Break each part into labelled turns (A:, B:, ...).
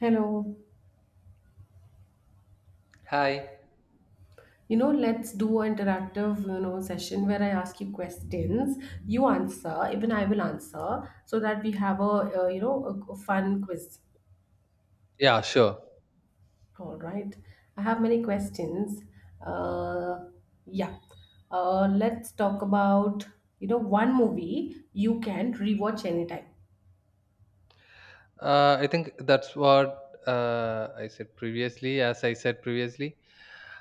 A: Hello.
B: Hi.
A: Let's do an interactive, session where I ask you questions, you answer, even I will answer, so that we have a, a fun quiz.
B: Yeah, sure.
A: All right. I have many questions. Uh, yeah. Let's talk about, one movie you can rewatch anytime.
B: I think that's what I said previously. As I said previously,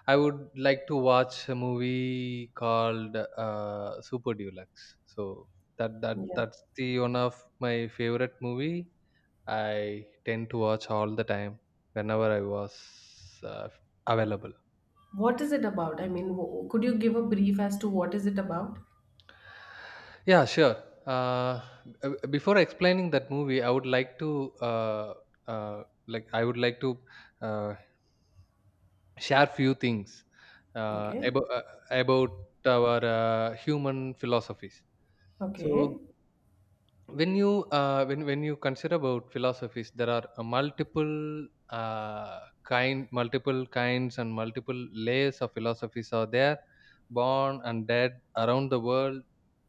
B: I would like to watch a movie called Super Deluxe. So that that
A: Yeah.
B: that's the one of my favorite movie. I tend to watch all the time whenever I was uh, available.
A: What is it about? I mean, could you give a brief as to what is it about?
B: Yeah, sure. Uh, before explaining that movie, I would like to like I would like to. Uh, share few things uh,
A: Okay.
B: about uh, about our human philosophies.
A: Okay.
B: So when you consider about philosophies, there are multiple kind multiple kinds and multiple layers of philosophies are there, born and dead around the world,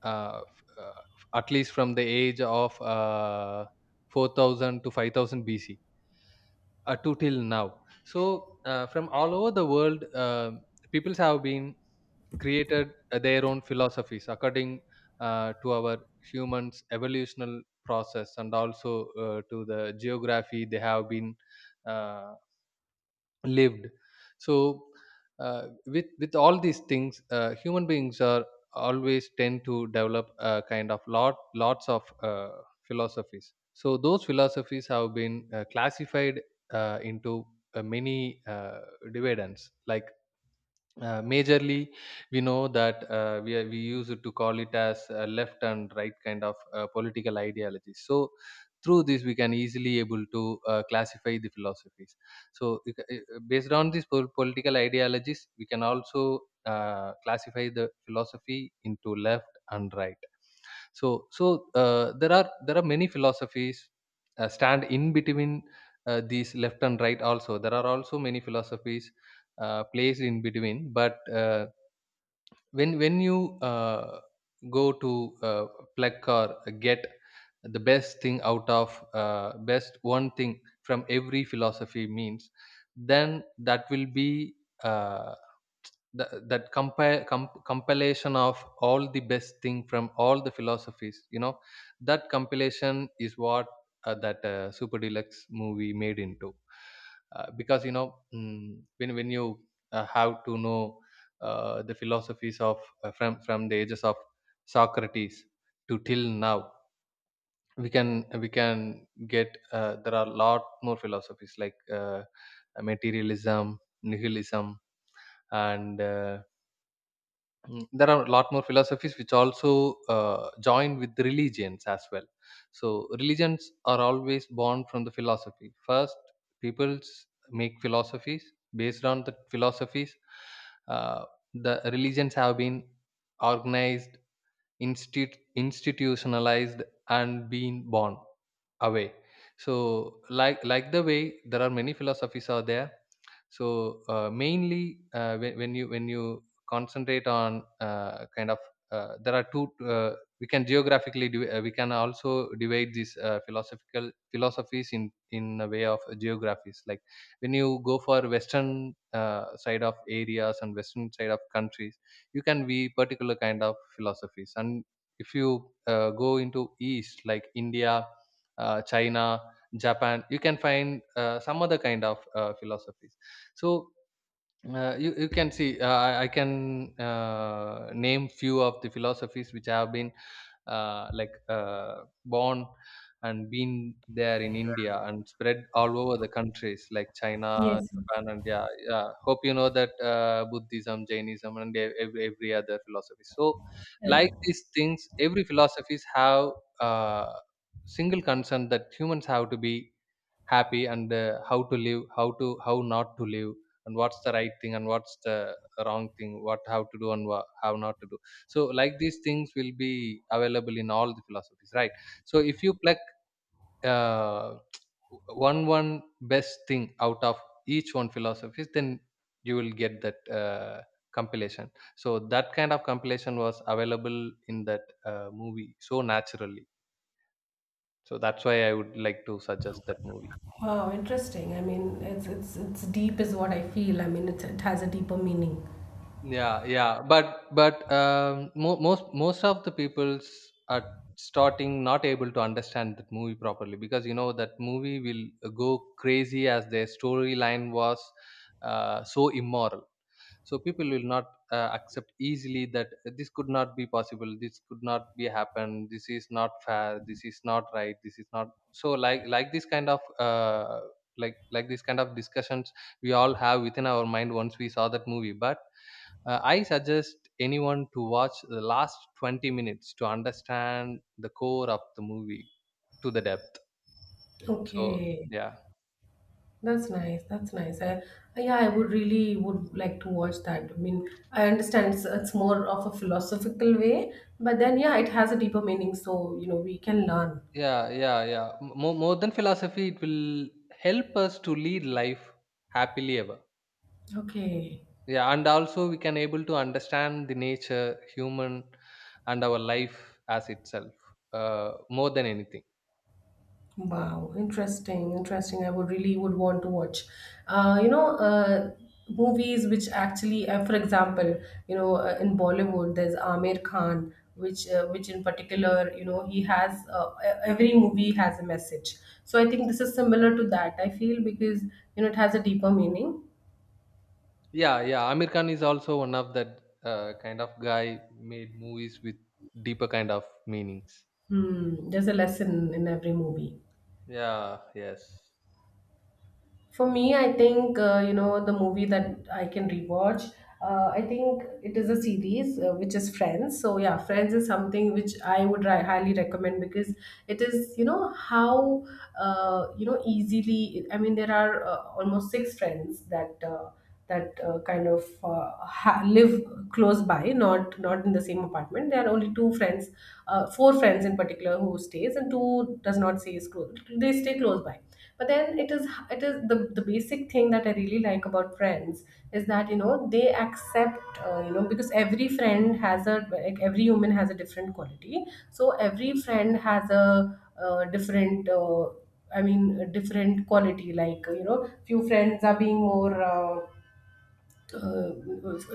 B: uh, f- uh, at least from the age of 4000 to 5000 bc to till now. So from all over the world, peoples have been created their own philosophies according to our humans' evolutional process, and also to the geography they have been uh, lived. So with all these things, human beings are always tend to develop a kind of lots of philosophies. So those philosophies have been classified into many dividends, like majorly we know that we use it to call it as left and right kind of political ideologies. So through this we can easily able to classify the philosophies. So based on these political ideologies, we can also classify the philosophy into left and right. So there are many philosophies stand in between these left and right. Also there are also many philosophies placed in between. But when you go to pluck or get the best thing out of best one thing from every philosophy means, then that will be uh, that compilation of all the best thing from all the philosophies. That compilation is what that Super Deluxe movie made into, because you know, when you have to know the philosophies of from the ages of Socrates to till now, we can get there are a lot more philosophies like materialism, nihilism, and there are a lot more philosophies which also join with religions as well. So religions are always born from the philosophy first. Peoples make philosophies. Based on the philosophies, uh, the religions have been organized, institutionalized, and being born away. So like the way there are many philosophies out there. So mainly when you concentrate on there are two we can we can also divide these philosophical philosophies in a way of geographies. Like when you go for western side of areas and western side of countries, you can be particular kind of philosophies. And if you go into east like India, China, Japan, you can find some other kind of philosophies. So you can see I can name few of the philosophies which have been uh, like uh, born and been there in India and spread all over the countries like China,
A: Yes.
B: Japan, and yeah, yeah. Hope you know that Buddhism, Jainism, and every other philosophy. So like these things, every philosophies have uh, single concern that humans have to be happy, and how to live, how to how not to live, and what's the right thing, and what's the wrong thing, what how to do and how not to do. So like these things will be available in all the philosophies, right? So if you pluck uh, one best thing out of each one philosophies, then you will get that compilation. So that kind of compilation was available in that movie. So naturally, so that's why I would like to suggest that movie.
A: Wow, interesting. I mean, it's deep is what I feel. I mean, it has a deeper meaning.
B: But most of the peoples are starting not able to understand that movie properly, because you know that movie will go crazy, as their storyline was so immoral. So people will not accept easily that, this could not be possible, this could not be happen, this is not fair, this is not right, this is not so. Like like this kind of discussions we all have within our mind once we saw that movie. But I suggest anyone to watch the last 20 minutes to understand the core of the movie to the depth. So,
A: Okay,
B: yeah.
A: that's nice. That's nice. I would really would like to watch that. I mean, I understand it's more of a philosophical way, but then yeah, it has a deeper meaning, so you know we can learn.
B: Yeah, yeah, yeah. More than philosophy, it will help us to lead life happily ever.
A: Okay.
B: Yeah, and also we can able to understand the nature, human, and our life as itself, more than anything.
A: Wow, interesting, interesting. I would really would want to watch, uh, you know, uh, movies which actually, for example, in Bollywood, there's Amir Khan, which in particular, you know, he has every movie has a message. So I think this is similar to that. I feel because you know it has a deeper meaning.
B: Yeah, yeah. Amir Khan is also one of that kind of guy made movies with deeper kind of meanings.
A: Hmm, there's a lesson in every movie.
B: Yeah, yes,
A: For me, I think you know the movie that I can rewatch. I think it is a series which is Friends. So yeah, Friends is something which I would highly recommend because it is you know how you know easily. I mean, there are almost six friends that. Kind of live close by, not in the same apartment. There are only two friends, four friends in particular who stays and two does not stays close. They stay close by, but then it is the basic thing that I really like about Friends is that you know they accept, because every friend has a like every human has a different quality. So every friend has a, different, I mean a different quality, like you know few friends are being more, uh,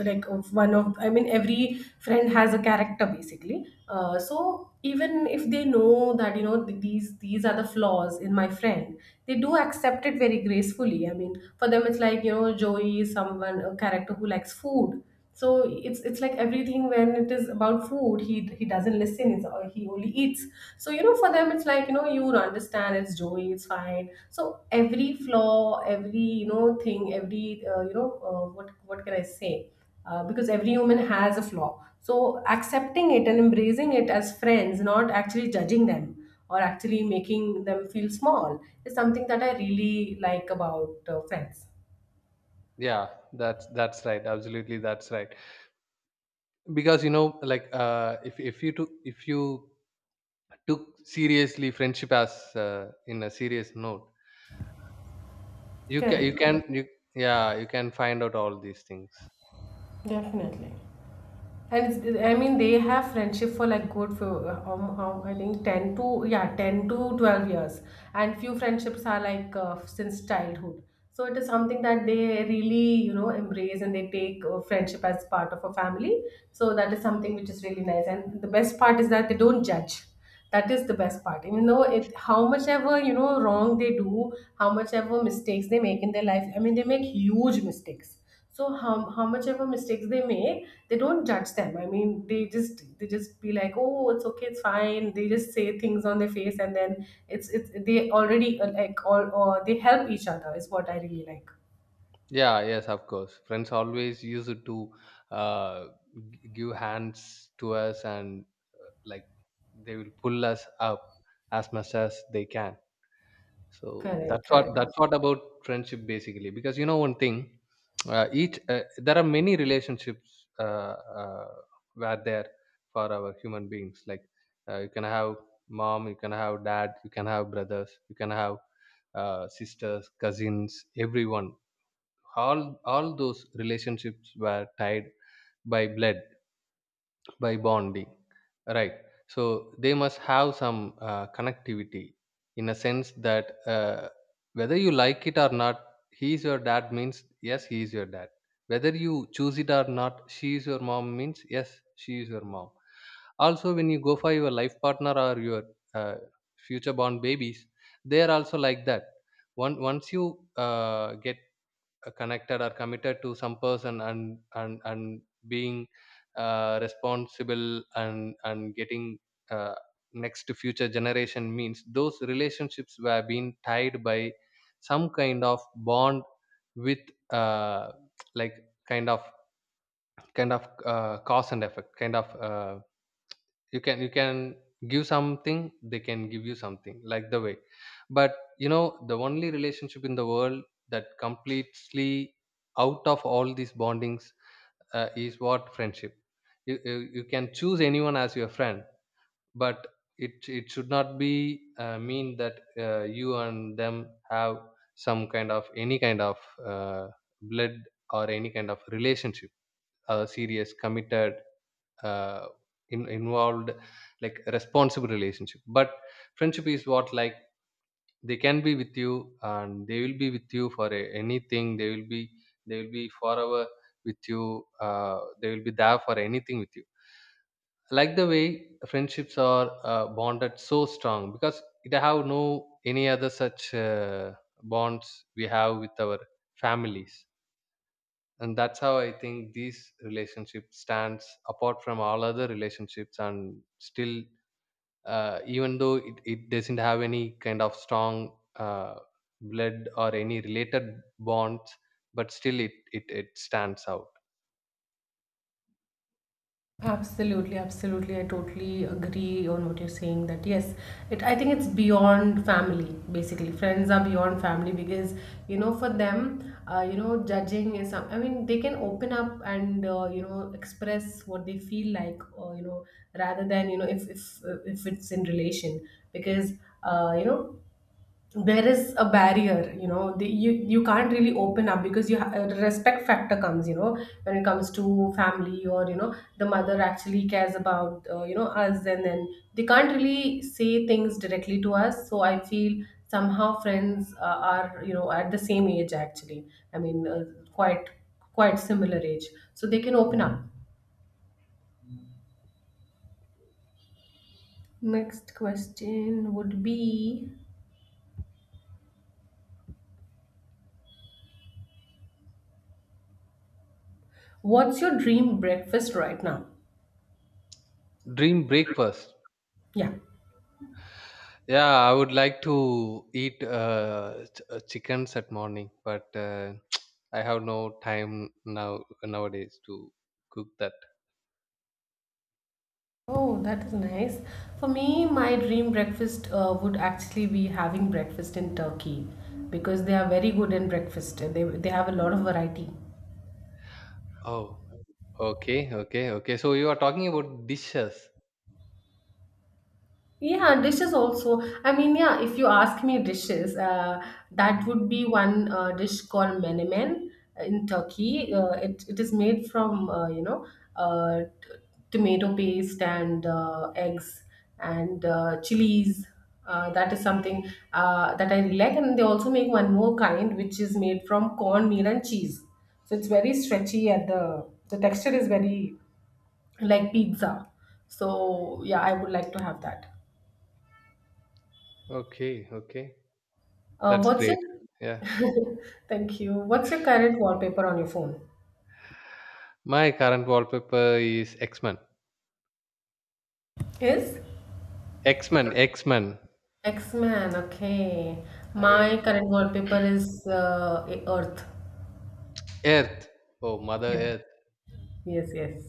A: like of one of, I mean every friend has a character basically. So even if they know that you know, these are the flaws in my friend, they do accept it very gracefully. I mean, for them it's like you know Joey is someone, a character who likes food. So it's like everything when it is about food, he doesn't listen. Or he only eats. So you know, for them it's like you know you don't understand, it's Joey, it's fine. So every flaw, every you know thing, every, what can I say, because every human has a flaw, so accepting it and embracing it as friends, not actually judging them or actually making them feel small is something that I really like about friends.
B: yeah, that's right, absolutely that's right. Because you know like if you took seriously friendship as in a serious note, you can
A: Correct,
B: you can
A: correct.
B: you… Yeah, you can find out all these things.
A: Definitely. And it's, I mean, they have friendship for like good for, how I think ten to yeah 10 to 12 years, and few friendships are like, since childhood. So it is something that they really you know embrace, and they take friendship as part of a family. So that is something which is really nice. And the best part is that they don't judge. That is the best part. Even though it, how much ever you know wrong they do, how much ever mistakes they make in their life, I mean they make huge mistakes. So how much ever mistakes they make, they don't judge them. I mean, they just be like oh it's okay it's fine. They just say things on their face, and then it's they already, like all, or they help each other is what I really like.
B: Yeah, yes, of course, friends always use it to uh give hands to us, and uh, like they will pull us up as much as they can. So
A: Correct,
B: that's what,
A: correct.
B: that's what about friendship, basically. Because you know one thing, each there are many relationships uh, were there for our human beings. Like you can have mom, you can have dad, you can have brothers, you can have sisters, cousins, everyone. All those relationships were tied by blood, by bonding, right? So they must have some connectivity, in a sense that whether you like it or not, he is your dad means yes he is your dad; whether you choose it or not, she is your mom means yes she is your mom. Also when you go for your life partner or your uh, future born babies, they are also like that. Once you get connected or committed to some person, and being responsible, and getting uh, next to future generation means, those relationships were being tied by some kind of bond with uh, like kind of cause and effect kind of you can give something, they can give you something, like the way. But you know, the only relationship in the world that completely out of all these bondings, is what friendship. You you can choose anyone as your friend. But it should not be mean that you and them have some kind of any kind of uh, blood or any kind of relationship, serious committed, uh, involved, like responsible relationship. But friendship is what, like, they can be with you and they will be with you for anything. They will be, they will be forever with you. They will be there for anything with you. Like the way friendships are bonded so strong, because it have no any other such bonds we have with our families. And that's how I think these relationship stands apart from all other relationships. And still, even though it doesn't have any kind of strong blood or any related bonds, but still it it stands out.
A: Absolutely, absolutely. I totally agree on what you're saying that yes, it, I think it's beyond family basically. Friends are beyond family because you know for them, judging is some, I mean they can open up and, express what they feel like, or you know, rather than you know, if it's in relation because, uh, you know there is a barrier, you know you you can't really open up because you respect factor comes you know, when it comes to family, or you know the mother actually cares about us, and then they can't really say things directly to us. So I feel somehow friends are you know at the same age actually. I mean, quite quite similar age, so they can open up. Next question would be, what's your dream breakfast right now?
B: Dream breakfast?
A: Yeah.
B: Yeah, I would like to eat chickens at morning. But I have no time now nowadays to cook that.
A: Oh, that is nice. For me, my dream breakfast would actually be having breakfast in Turkey, because they are very good in breakfast. They have a lot of variety.
B: Oh, okay, okay, okay. So you are talking about dishes.
A: Yeah, dishes also. I mean, yeah, if you ask me dishes, that
B: Mm.
A: would be one dish called menemen in Turkey. It is made from, uh, t- tomato paste and eggs and chilies. That is something that I really like. And they also make one more kind, which is made from cornmeal and cheese. So it's very stretchy, and the texture is very like pizza. So yeah, I would like to have that.
B: Okay, okay. That's
A: What's
B: great.
A: your
B: Yeah.
A: thank you? What's your current wallpaper on your phone?
B: My current wallpaper is X-Men.
A: Is
B: X-Men, X-Men.
A: X-Man okay? My
B: Okay.
A: current wallpaper is Earth.
B: Earth. Oh, Mother
A: Yeah.
B: Earth.
A: Yes, yes.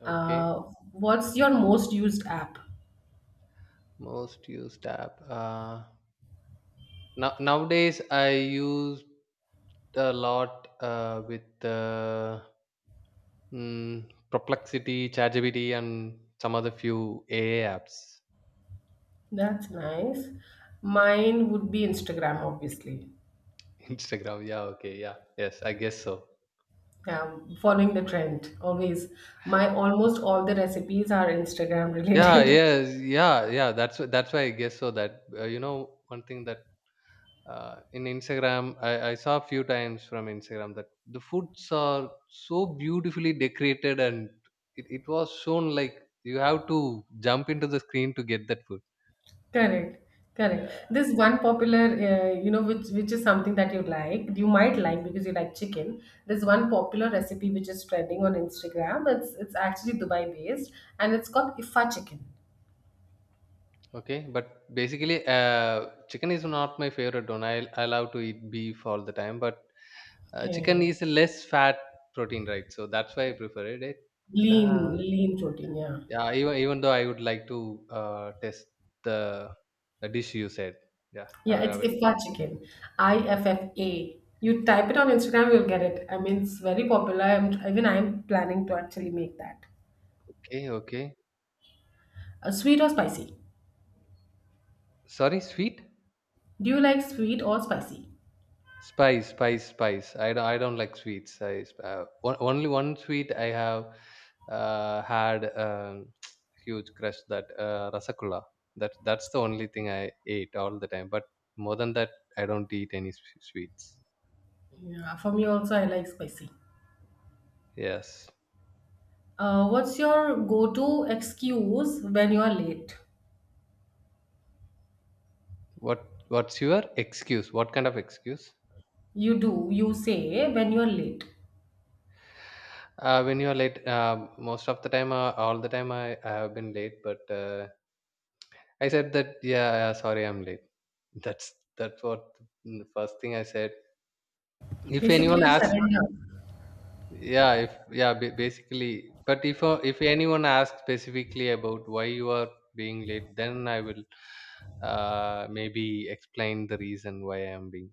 B: Okay.
A: Uh, what's your most used app?
B: Most used app. Nowadays I use a lot Perplexity, ChatGPT, and some other few AA apps.
A: That's nice. Mine would be Instagram, obviously.
B: Instagram. Yeah. Okay. Yeah. Yes. I guess so.
A: Yeah, following the trend always. My almost all the recipes are Instagram
B: Yeah,
A: related.
B: yes, yeah, yeah, that's that's why I guess so. That you know one thing, that in Instagram I saw a few times from Instagram that the foods are so beautifully decorated, and it was shown like you have to jump into the screen to get that food.
A: Correct, correct.
B: Yeah,
A: This one popular, which is something that you like, you might like because you like chicken. There's one popular recipe which is trending on Instagram. It's actually Dubai based, and it's called Ifa chicken.
B: okay. But basically chicken is not my favorite one. I love to eat beef all the time. But chicken
A: Okay.
B: is a less fat protein, right? So that's why I prefer it. It, uh,
A: Lean, lean protein. Yeah,
B: yeah, even though I would like to test the dish you said. Yeah, I
A: yeah.
B: will.
A: It's
B: I will.
A: Ifa chicken. I
B: Yeah,
A: F F A. You type it on Instagram, you'll get it. I mean, it's very popular. Even I'm planning to actually make that.
B: okay, okay.
A: Sweet or spicy?
B: Sorry, sweet,
A: Do you like sweet or spicy?
B: spice. I don't. I don't like sweets. Only one sweet I have had huge crush, that rasagulla. That's the only thing I ate all the time. But more than that, I don't eat any sweets.
A: Yeah, for me also, I like spicy.
B: Yes.
A: What's your go-to excuse when you are late?
B: What's your excuse? What kind of excuse?
A: You do, you say when you're late.
B: When you're late, most of the time, all the time, I have been late. But I said that, yeah, yeah, sorry, I'm late. That's what the first thing I said. If
A: Basically,
B: anyone
A: you
B: asks,
A: surrender.
B: yeah, if yeah, basically. But if anyone asks specifically about why you are being late, then I will maybe explain the reason why I am being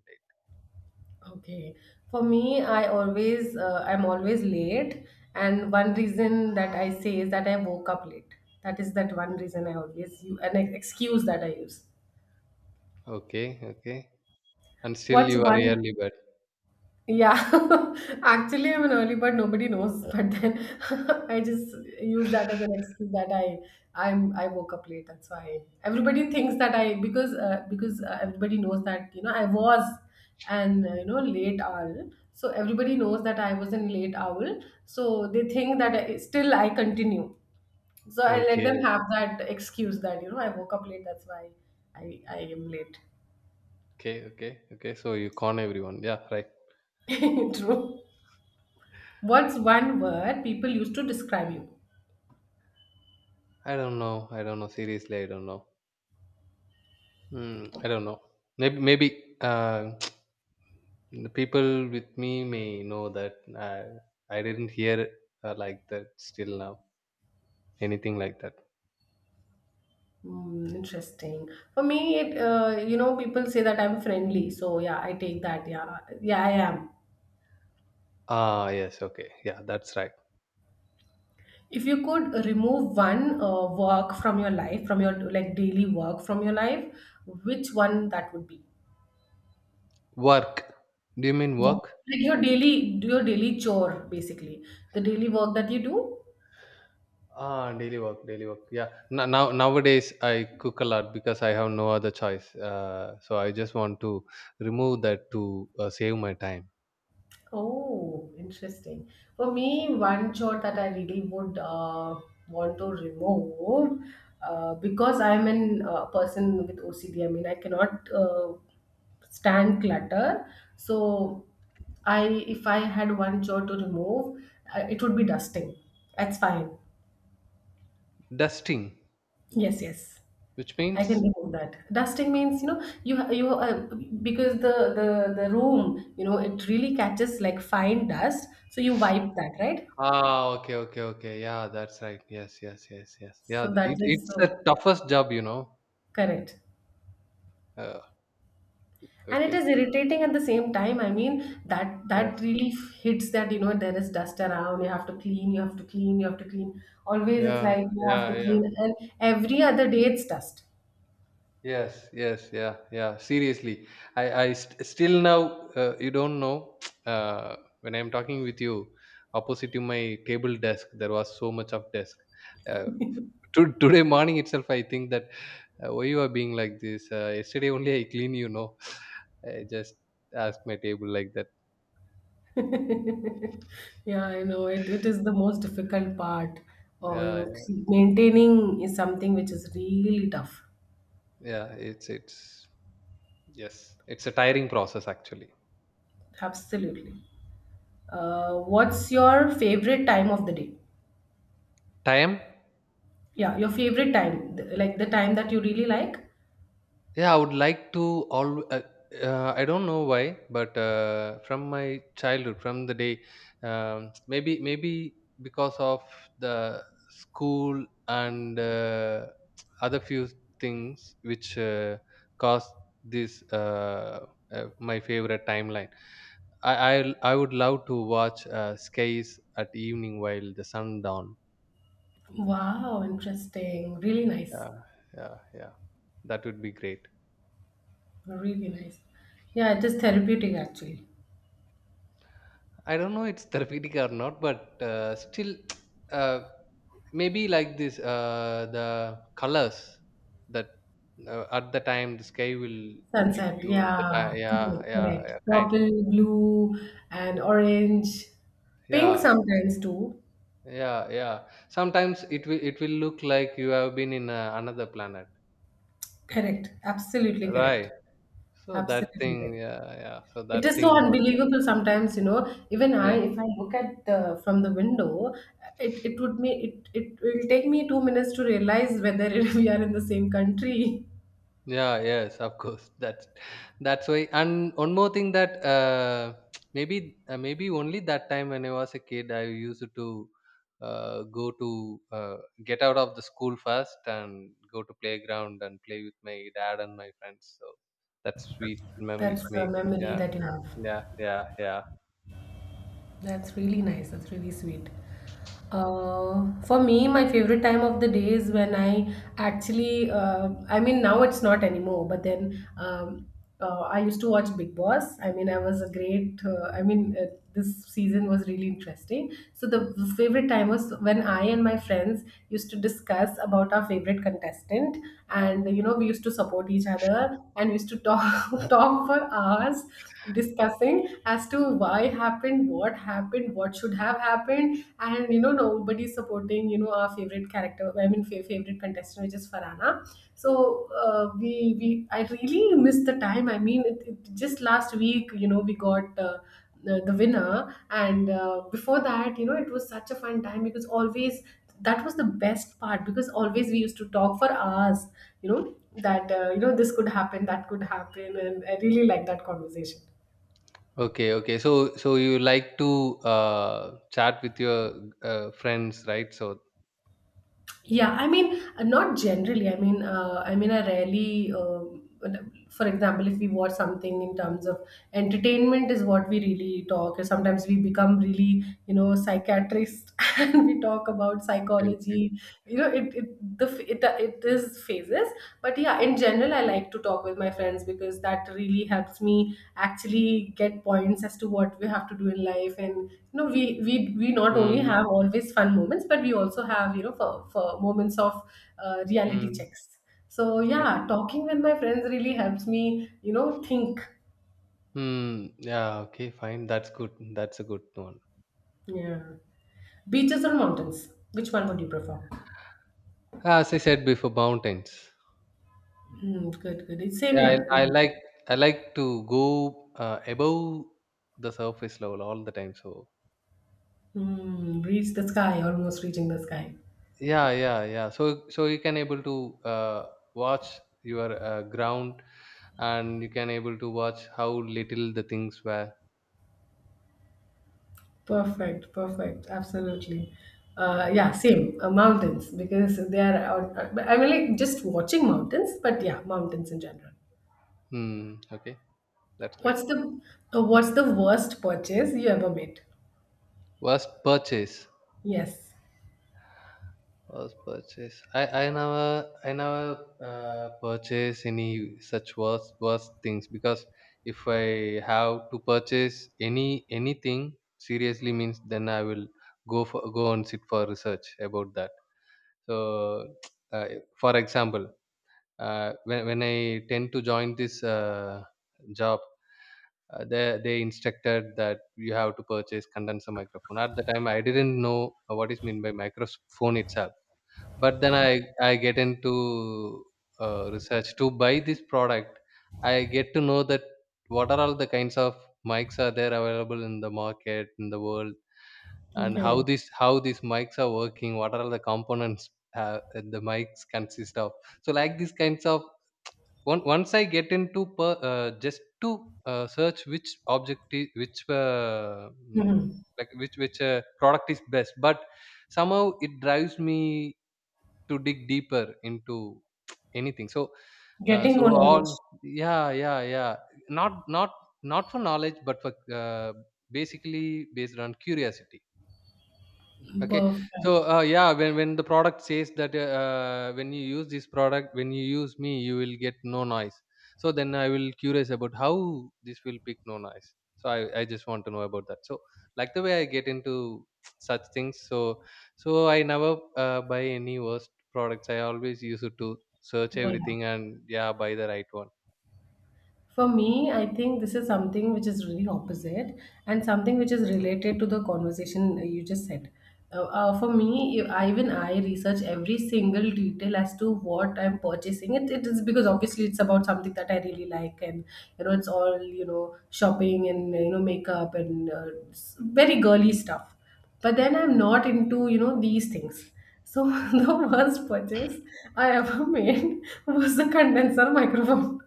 A: Okay. For me, I always, I'm always late, and one reason that I say is that I woke up late. That is that one reason I always you an excuse that I use.
B: late. Okay, okay. And still,
A: What's
B: you are
A: one?
B: early, but
A: Yeah, actually, I'm an early bird. Nobody knows, but then I just use that as an excuse that I woke up late. That's why everybody thinks that I, because everybody knows that you know I was an, late owl. So everybody knows that I was an late owl. So they think that I, still I continue. So I let them
B: okay,
A: have that excuse that you know I woke up late. That's why I am late.
B: okay, okay, okay. So you con everyone, yeah, right.
A: True. What's one word people used to describe you?
B: I don't know. I don't know. Seriously, I don't know. Hmm. I don't know. Maybe, the people with me may know that I didn't hear like that still now. Anything like that.
A: Mm, interesting. For me, it, you know people say that I'm friendly, so yeah, I take that. Yeah, yeah, I am.
B: Ah, yes. Okay. Yeah, that's right.
A: If you could remove one work from your life, from your like daily work from your life, which one that would be?
B: Work. Do you mean
A: Yeah,
B: work?
A: like your daily chore basically, the daily work that you do.
B: Ah, daily work, daily work. Yeah. Now, now nowadays I cook a lot because I have no other choice. So I just want to remove that to save my time.
A: Oh, interesting. For me, one chore that I really would, want to remove, because I'm an person with OCD. I mean, I cannot stand clutter. So, I, if I had one chore to remove, it would be dusting. That's fine.
B: Dusting,
A: Yes, yes.
B: which
A: I can
B: means
A: remove that. Dusting means, you know, you you because the room, you know, it really catches like fine dust. So you wipe that, right?
B: ah, okay, okay, okay. Yeah, that's right. Yes, yes, yes, yes. Yeah,
A: So that is
B: it's
A: so
B: the toughest job, you know.
A: correct.
B: Uh,
A: And it is
B: okay.
A: irritating at the same time. I mean, that
B: Yes.
A: really hits that, you know, there is dust around. You have to clean, you have to clean, you have to clean. Always it's
B: Yeah,
A: like you have
B: yeah,
A: to
B: yeah.
A: clean. And every other day it's dust.
B: Yes, yes, yeah, yeah. Seriously, I st still now, you don't know, uh, when I'm talking with you, opposite to my table desk, there was so much of desk. Uh, today morning itself, I think that why you are being like this. Yesterday only I clean, you know. I just ask my table like that.
A: Yeah, I know. It is the most difficult part. Or, you
B: Yeah,
A: know,
B: yeah.
A: maintaining is something which is really tough.
B: It's yes, it's a tiring process actually.
A: Absolutely. What's your favorite time of the day?
B: Time.
A: Yeah, your favorite time, like the time that you really like?
B: Yeah, I would like to all I don't know why, but from my childhood from the day, maybe maybe because of the school and other few things which caused this my favorite timeline. I would love to watch skies at evening while the sun down.
A: Wow, interesting. Really nice.
B: Yeah, yeah, yeah. That would be great.
A: Really nice. Yeah, it is therapeutic actually.
B: I don't know it's therapeutic or not, but still, uh, maybe like this, the colors that at the time the sky will give
A: Sunset,
B: you the
A: yeah,
B: yeah,
A: correct,
B: yeah,
A: correct.
B: yeah, kind,
A: Purple, blue, and orange, pink
B: yeah,
A: sometimes too.
B: yeah, yeah. Sometimes it will look like you have been in another planet,
A: Correct.
B: right? So that
A: Absolutely
B: thing,
A: right.
B: yeah, yeah. So
A: It
B: that
A: is so
B: thing was,
A: unbelievable sometimes, you know. Even I,
B: yes.
A: if I look at the from the window, it will take me 2 minutes to realize whether we are in the same country.
B: Yeah, yes, of course. That's why. And one more thing that maybe maybe only that time when I was a kid, I used to go to get out of the school first and go to playground and play with my dad and my friends. So that's sweet
A: That's
B: memories
A: a
B: make.
A: memory
B: Yeah,
A: that you have.
B: yeah, yeah, yeah.
A: That's really nice. That's really sweet. For me, my favorite time of the day is when I actually, now it's not anymore, but then I used to watch Big Boss. I mean, I was a great, I mean, This season was really interesting. So, the favorite time was when I and my friends used to discuss about our favorite contestant, and you know, we used to support each other and we used to talk, talk for hours discussing as to why happened, what should have happened, and you know nobody's supporting you know our favorite character. I mean favorite contestant, which is Farana. So uh, we we I really missed the time. I mean, it just last week you know we got the winner, and before that you know it was such a fun time because always that was the best part because always we used to talk for hours, you know, that you know this could happen that could happen, and I really like that conversation.
B: Okay, okay. So so you like to chat with your friends, right? So
A: Yeah, I mean, not generally. I rarely. For example, if we watch something in terms of entertainment, is what we really talk. Sometimes we become really, you know, psychiatrist, and we talk about
B: okay, okay.
A: psychology. You know, it the f- it is phases. But yeah, in general I like to talk with my friends because that really helps me actually get points as to what we have to do in life, and we not only
B: Mm,
A: have always fun moments, but we also have, you know, for moments of reality
B: mm.
A: checks. So yeah, talking with my friends really helps me, you know, think.
B: Hmm. Yeah. Okay. Fine. That's good. That's a good one.
A: Yeah, beaches or mountains, which one would you prefer?
B: As I said before, mountains.
A: Hmm, good, good, it's same
B: Yeah.
A: here.
B: I I like to go above the surface level all the time. So
A: Hmm, reach the sky, almost reaching the sky.
B: yeah, yeah, yeah. So so you can able to uh, watch your ground, and you can able to watch how little the things were.
A: Perfect, perfect, absolutely.
B: Hmm.
A: Yeah, same, mountains because they are. I mean, like just watching mountains, but yeah, mountains in general.
B: Hmm. Okay. That's great.
A: What's the What's the worst purchase you ever made?
B: Worst purchase.
A: Yes.
B: First purchase. I never purchase any such worse things, because if I have to purchase anything seriously means, then I will go and sit for research about that. So uh, for example, when I tend to join this job. They instructed that you have to purchase condenser microphone. At the time, I didn't know what is meant by microphone itself, but then I get into research to buy this product. I get to know that what are all the kinds of mics are there available in the market in the world and
A: Okay.
B: how this how these mics are working. What are all the components that the mics consist of? So like these kinds of on, once I get into just to search which object is, which mm,
A: Mhm.
B: like which product is best, but somehow it drives me to dig deeper into anything. So,
A: Getting more
B: so
A: knowledge.
B: all yeah, yeah, yeah. Not not not for knowledge, but for basically based on curiosity. Okay, so
A: Perfect.
B: yeah, when the product says that when you use this product, when you use me, you will get no noise. So then I will curious about how this will pick no noise. So I just want to know about that. So like the way I get into such things. So so I never buy any worst products. I always use it to search
A: Wow.
B: everything and yeah, buy the right one.
A: For me, I think this is something which is really opposite and something which is related to the conversation you just said. For me, even I research every single detail as to what I'm purchasing. It is because obviously it's about something that I really like, and you know, it's all, you know, shopping and you know, makeup and very girly stuff. But then I'm not into, you know, these things. So the worst purchase I ever made was the condenser microphone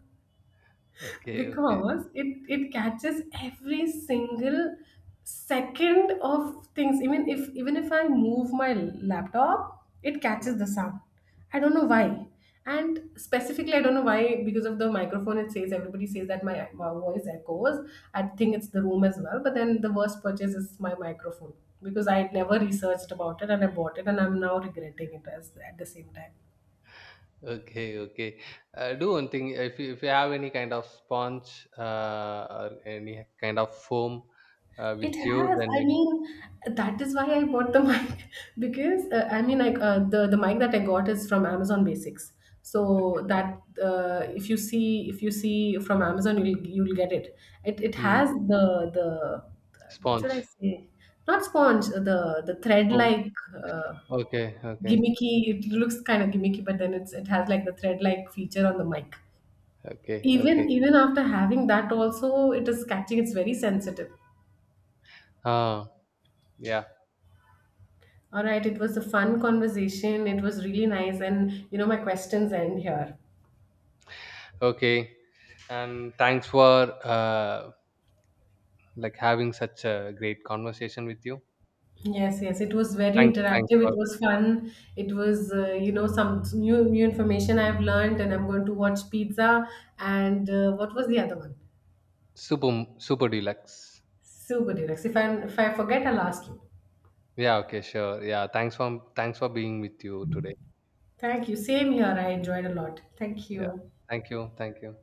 B: Okay, okay.
A: because it catches every single second of things, even if I move my laptop, it catches the sound. I don't know why. And specifically I don't know why, because of the microphone, it says, everybody says that my voice echoes. I think it's the room as well, but then the worst purchase is my microphone because I never researched about it and I bought it and I'm now regretting it as at the same time.
B: Okay, okay. Do one thing. If you have any kind of sponge or any kind of foam
A: It
B: with you,
A: has.
B: then
A: I
B: you,
A: mean, that is why I bought the mic because the mic that I got is from Amazon Basics.
B: okay.
A: So that if you see, if you see from Amazon, you'll get it. It
B: Hmm.
A: has the what should I
B: Sponge
A: say? Not sponge. The thread
B: foam.
A: like uh,
B: Okay, okay,
A: gimmicky. It looks kind of gimmicky, but then it's, it has like the thread like feature on the mic.
B: okay, okay.
A: Even after having that, also it is catching. It's very sensitive.
B: Ah, yeah.
A: All right, it was a fun conversation. It was really nice, and you know, my questions end here.
B: Okay. And thanks for uh, like having such a great conversation with you.
A: Yes, yes, it was very
B: Thanks, thanks
A: interactive. It
B: for
A: was fun. It was, you know, some new information I've learned, and I'm going to watch Pizza. And what was the other one?
B: super super deluxe.
A: Super Deluxe. If I forget, I'll ask you.
B: Yeah. Okay. Sure. Yeah. Thanks for thanks for being with you today.
A: Thank you. Same here. I enjoyed a lot. Thank
B: Yeah.
A: you.
B: Thank you. Thank you.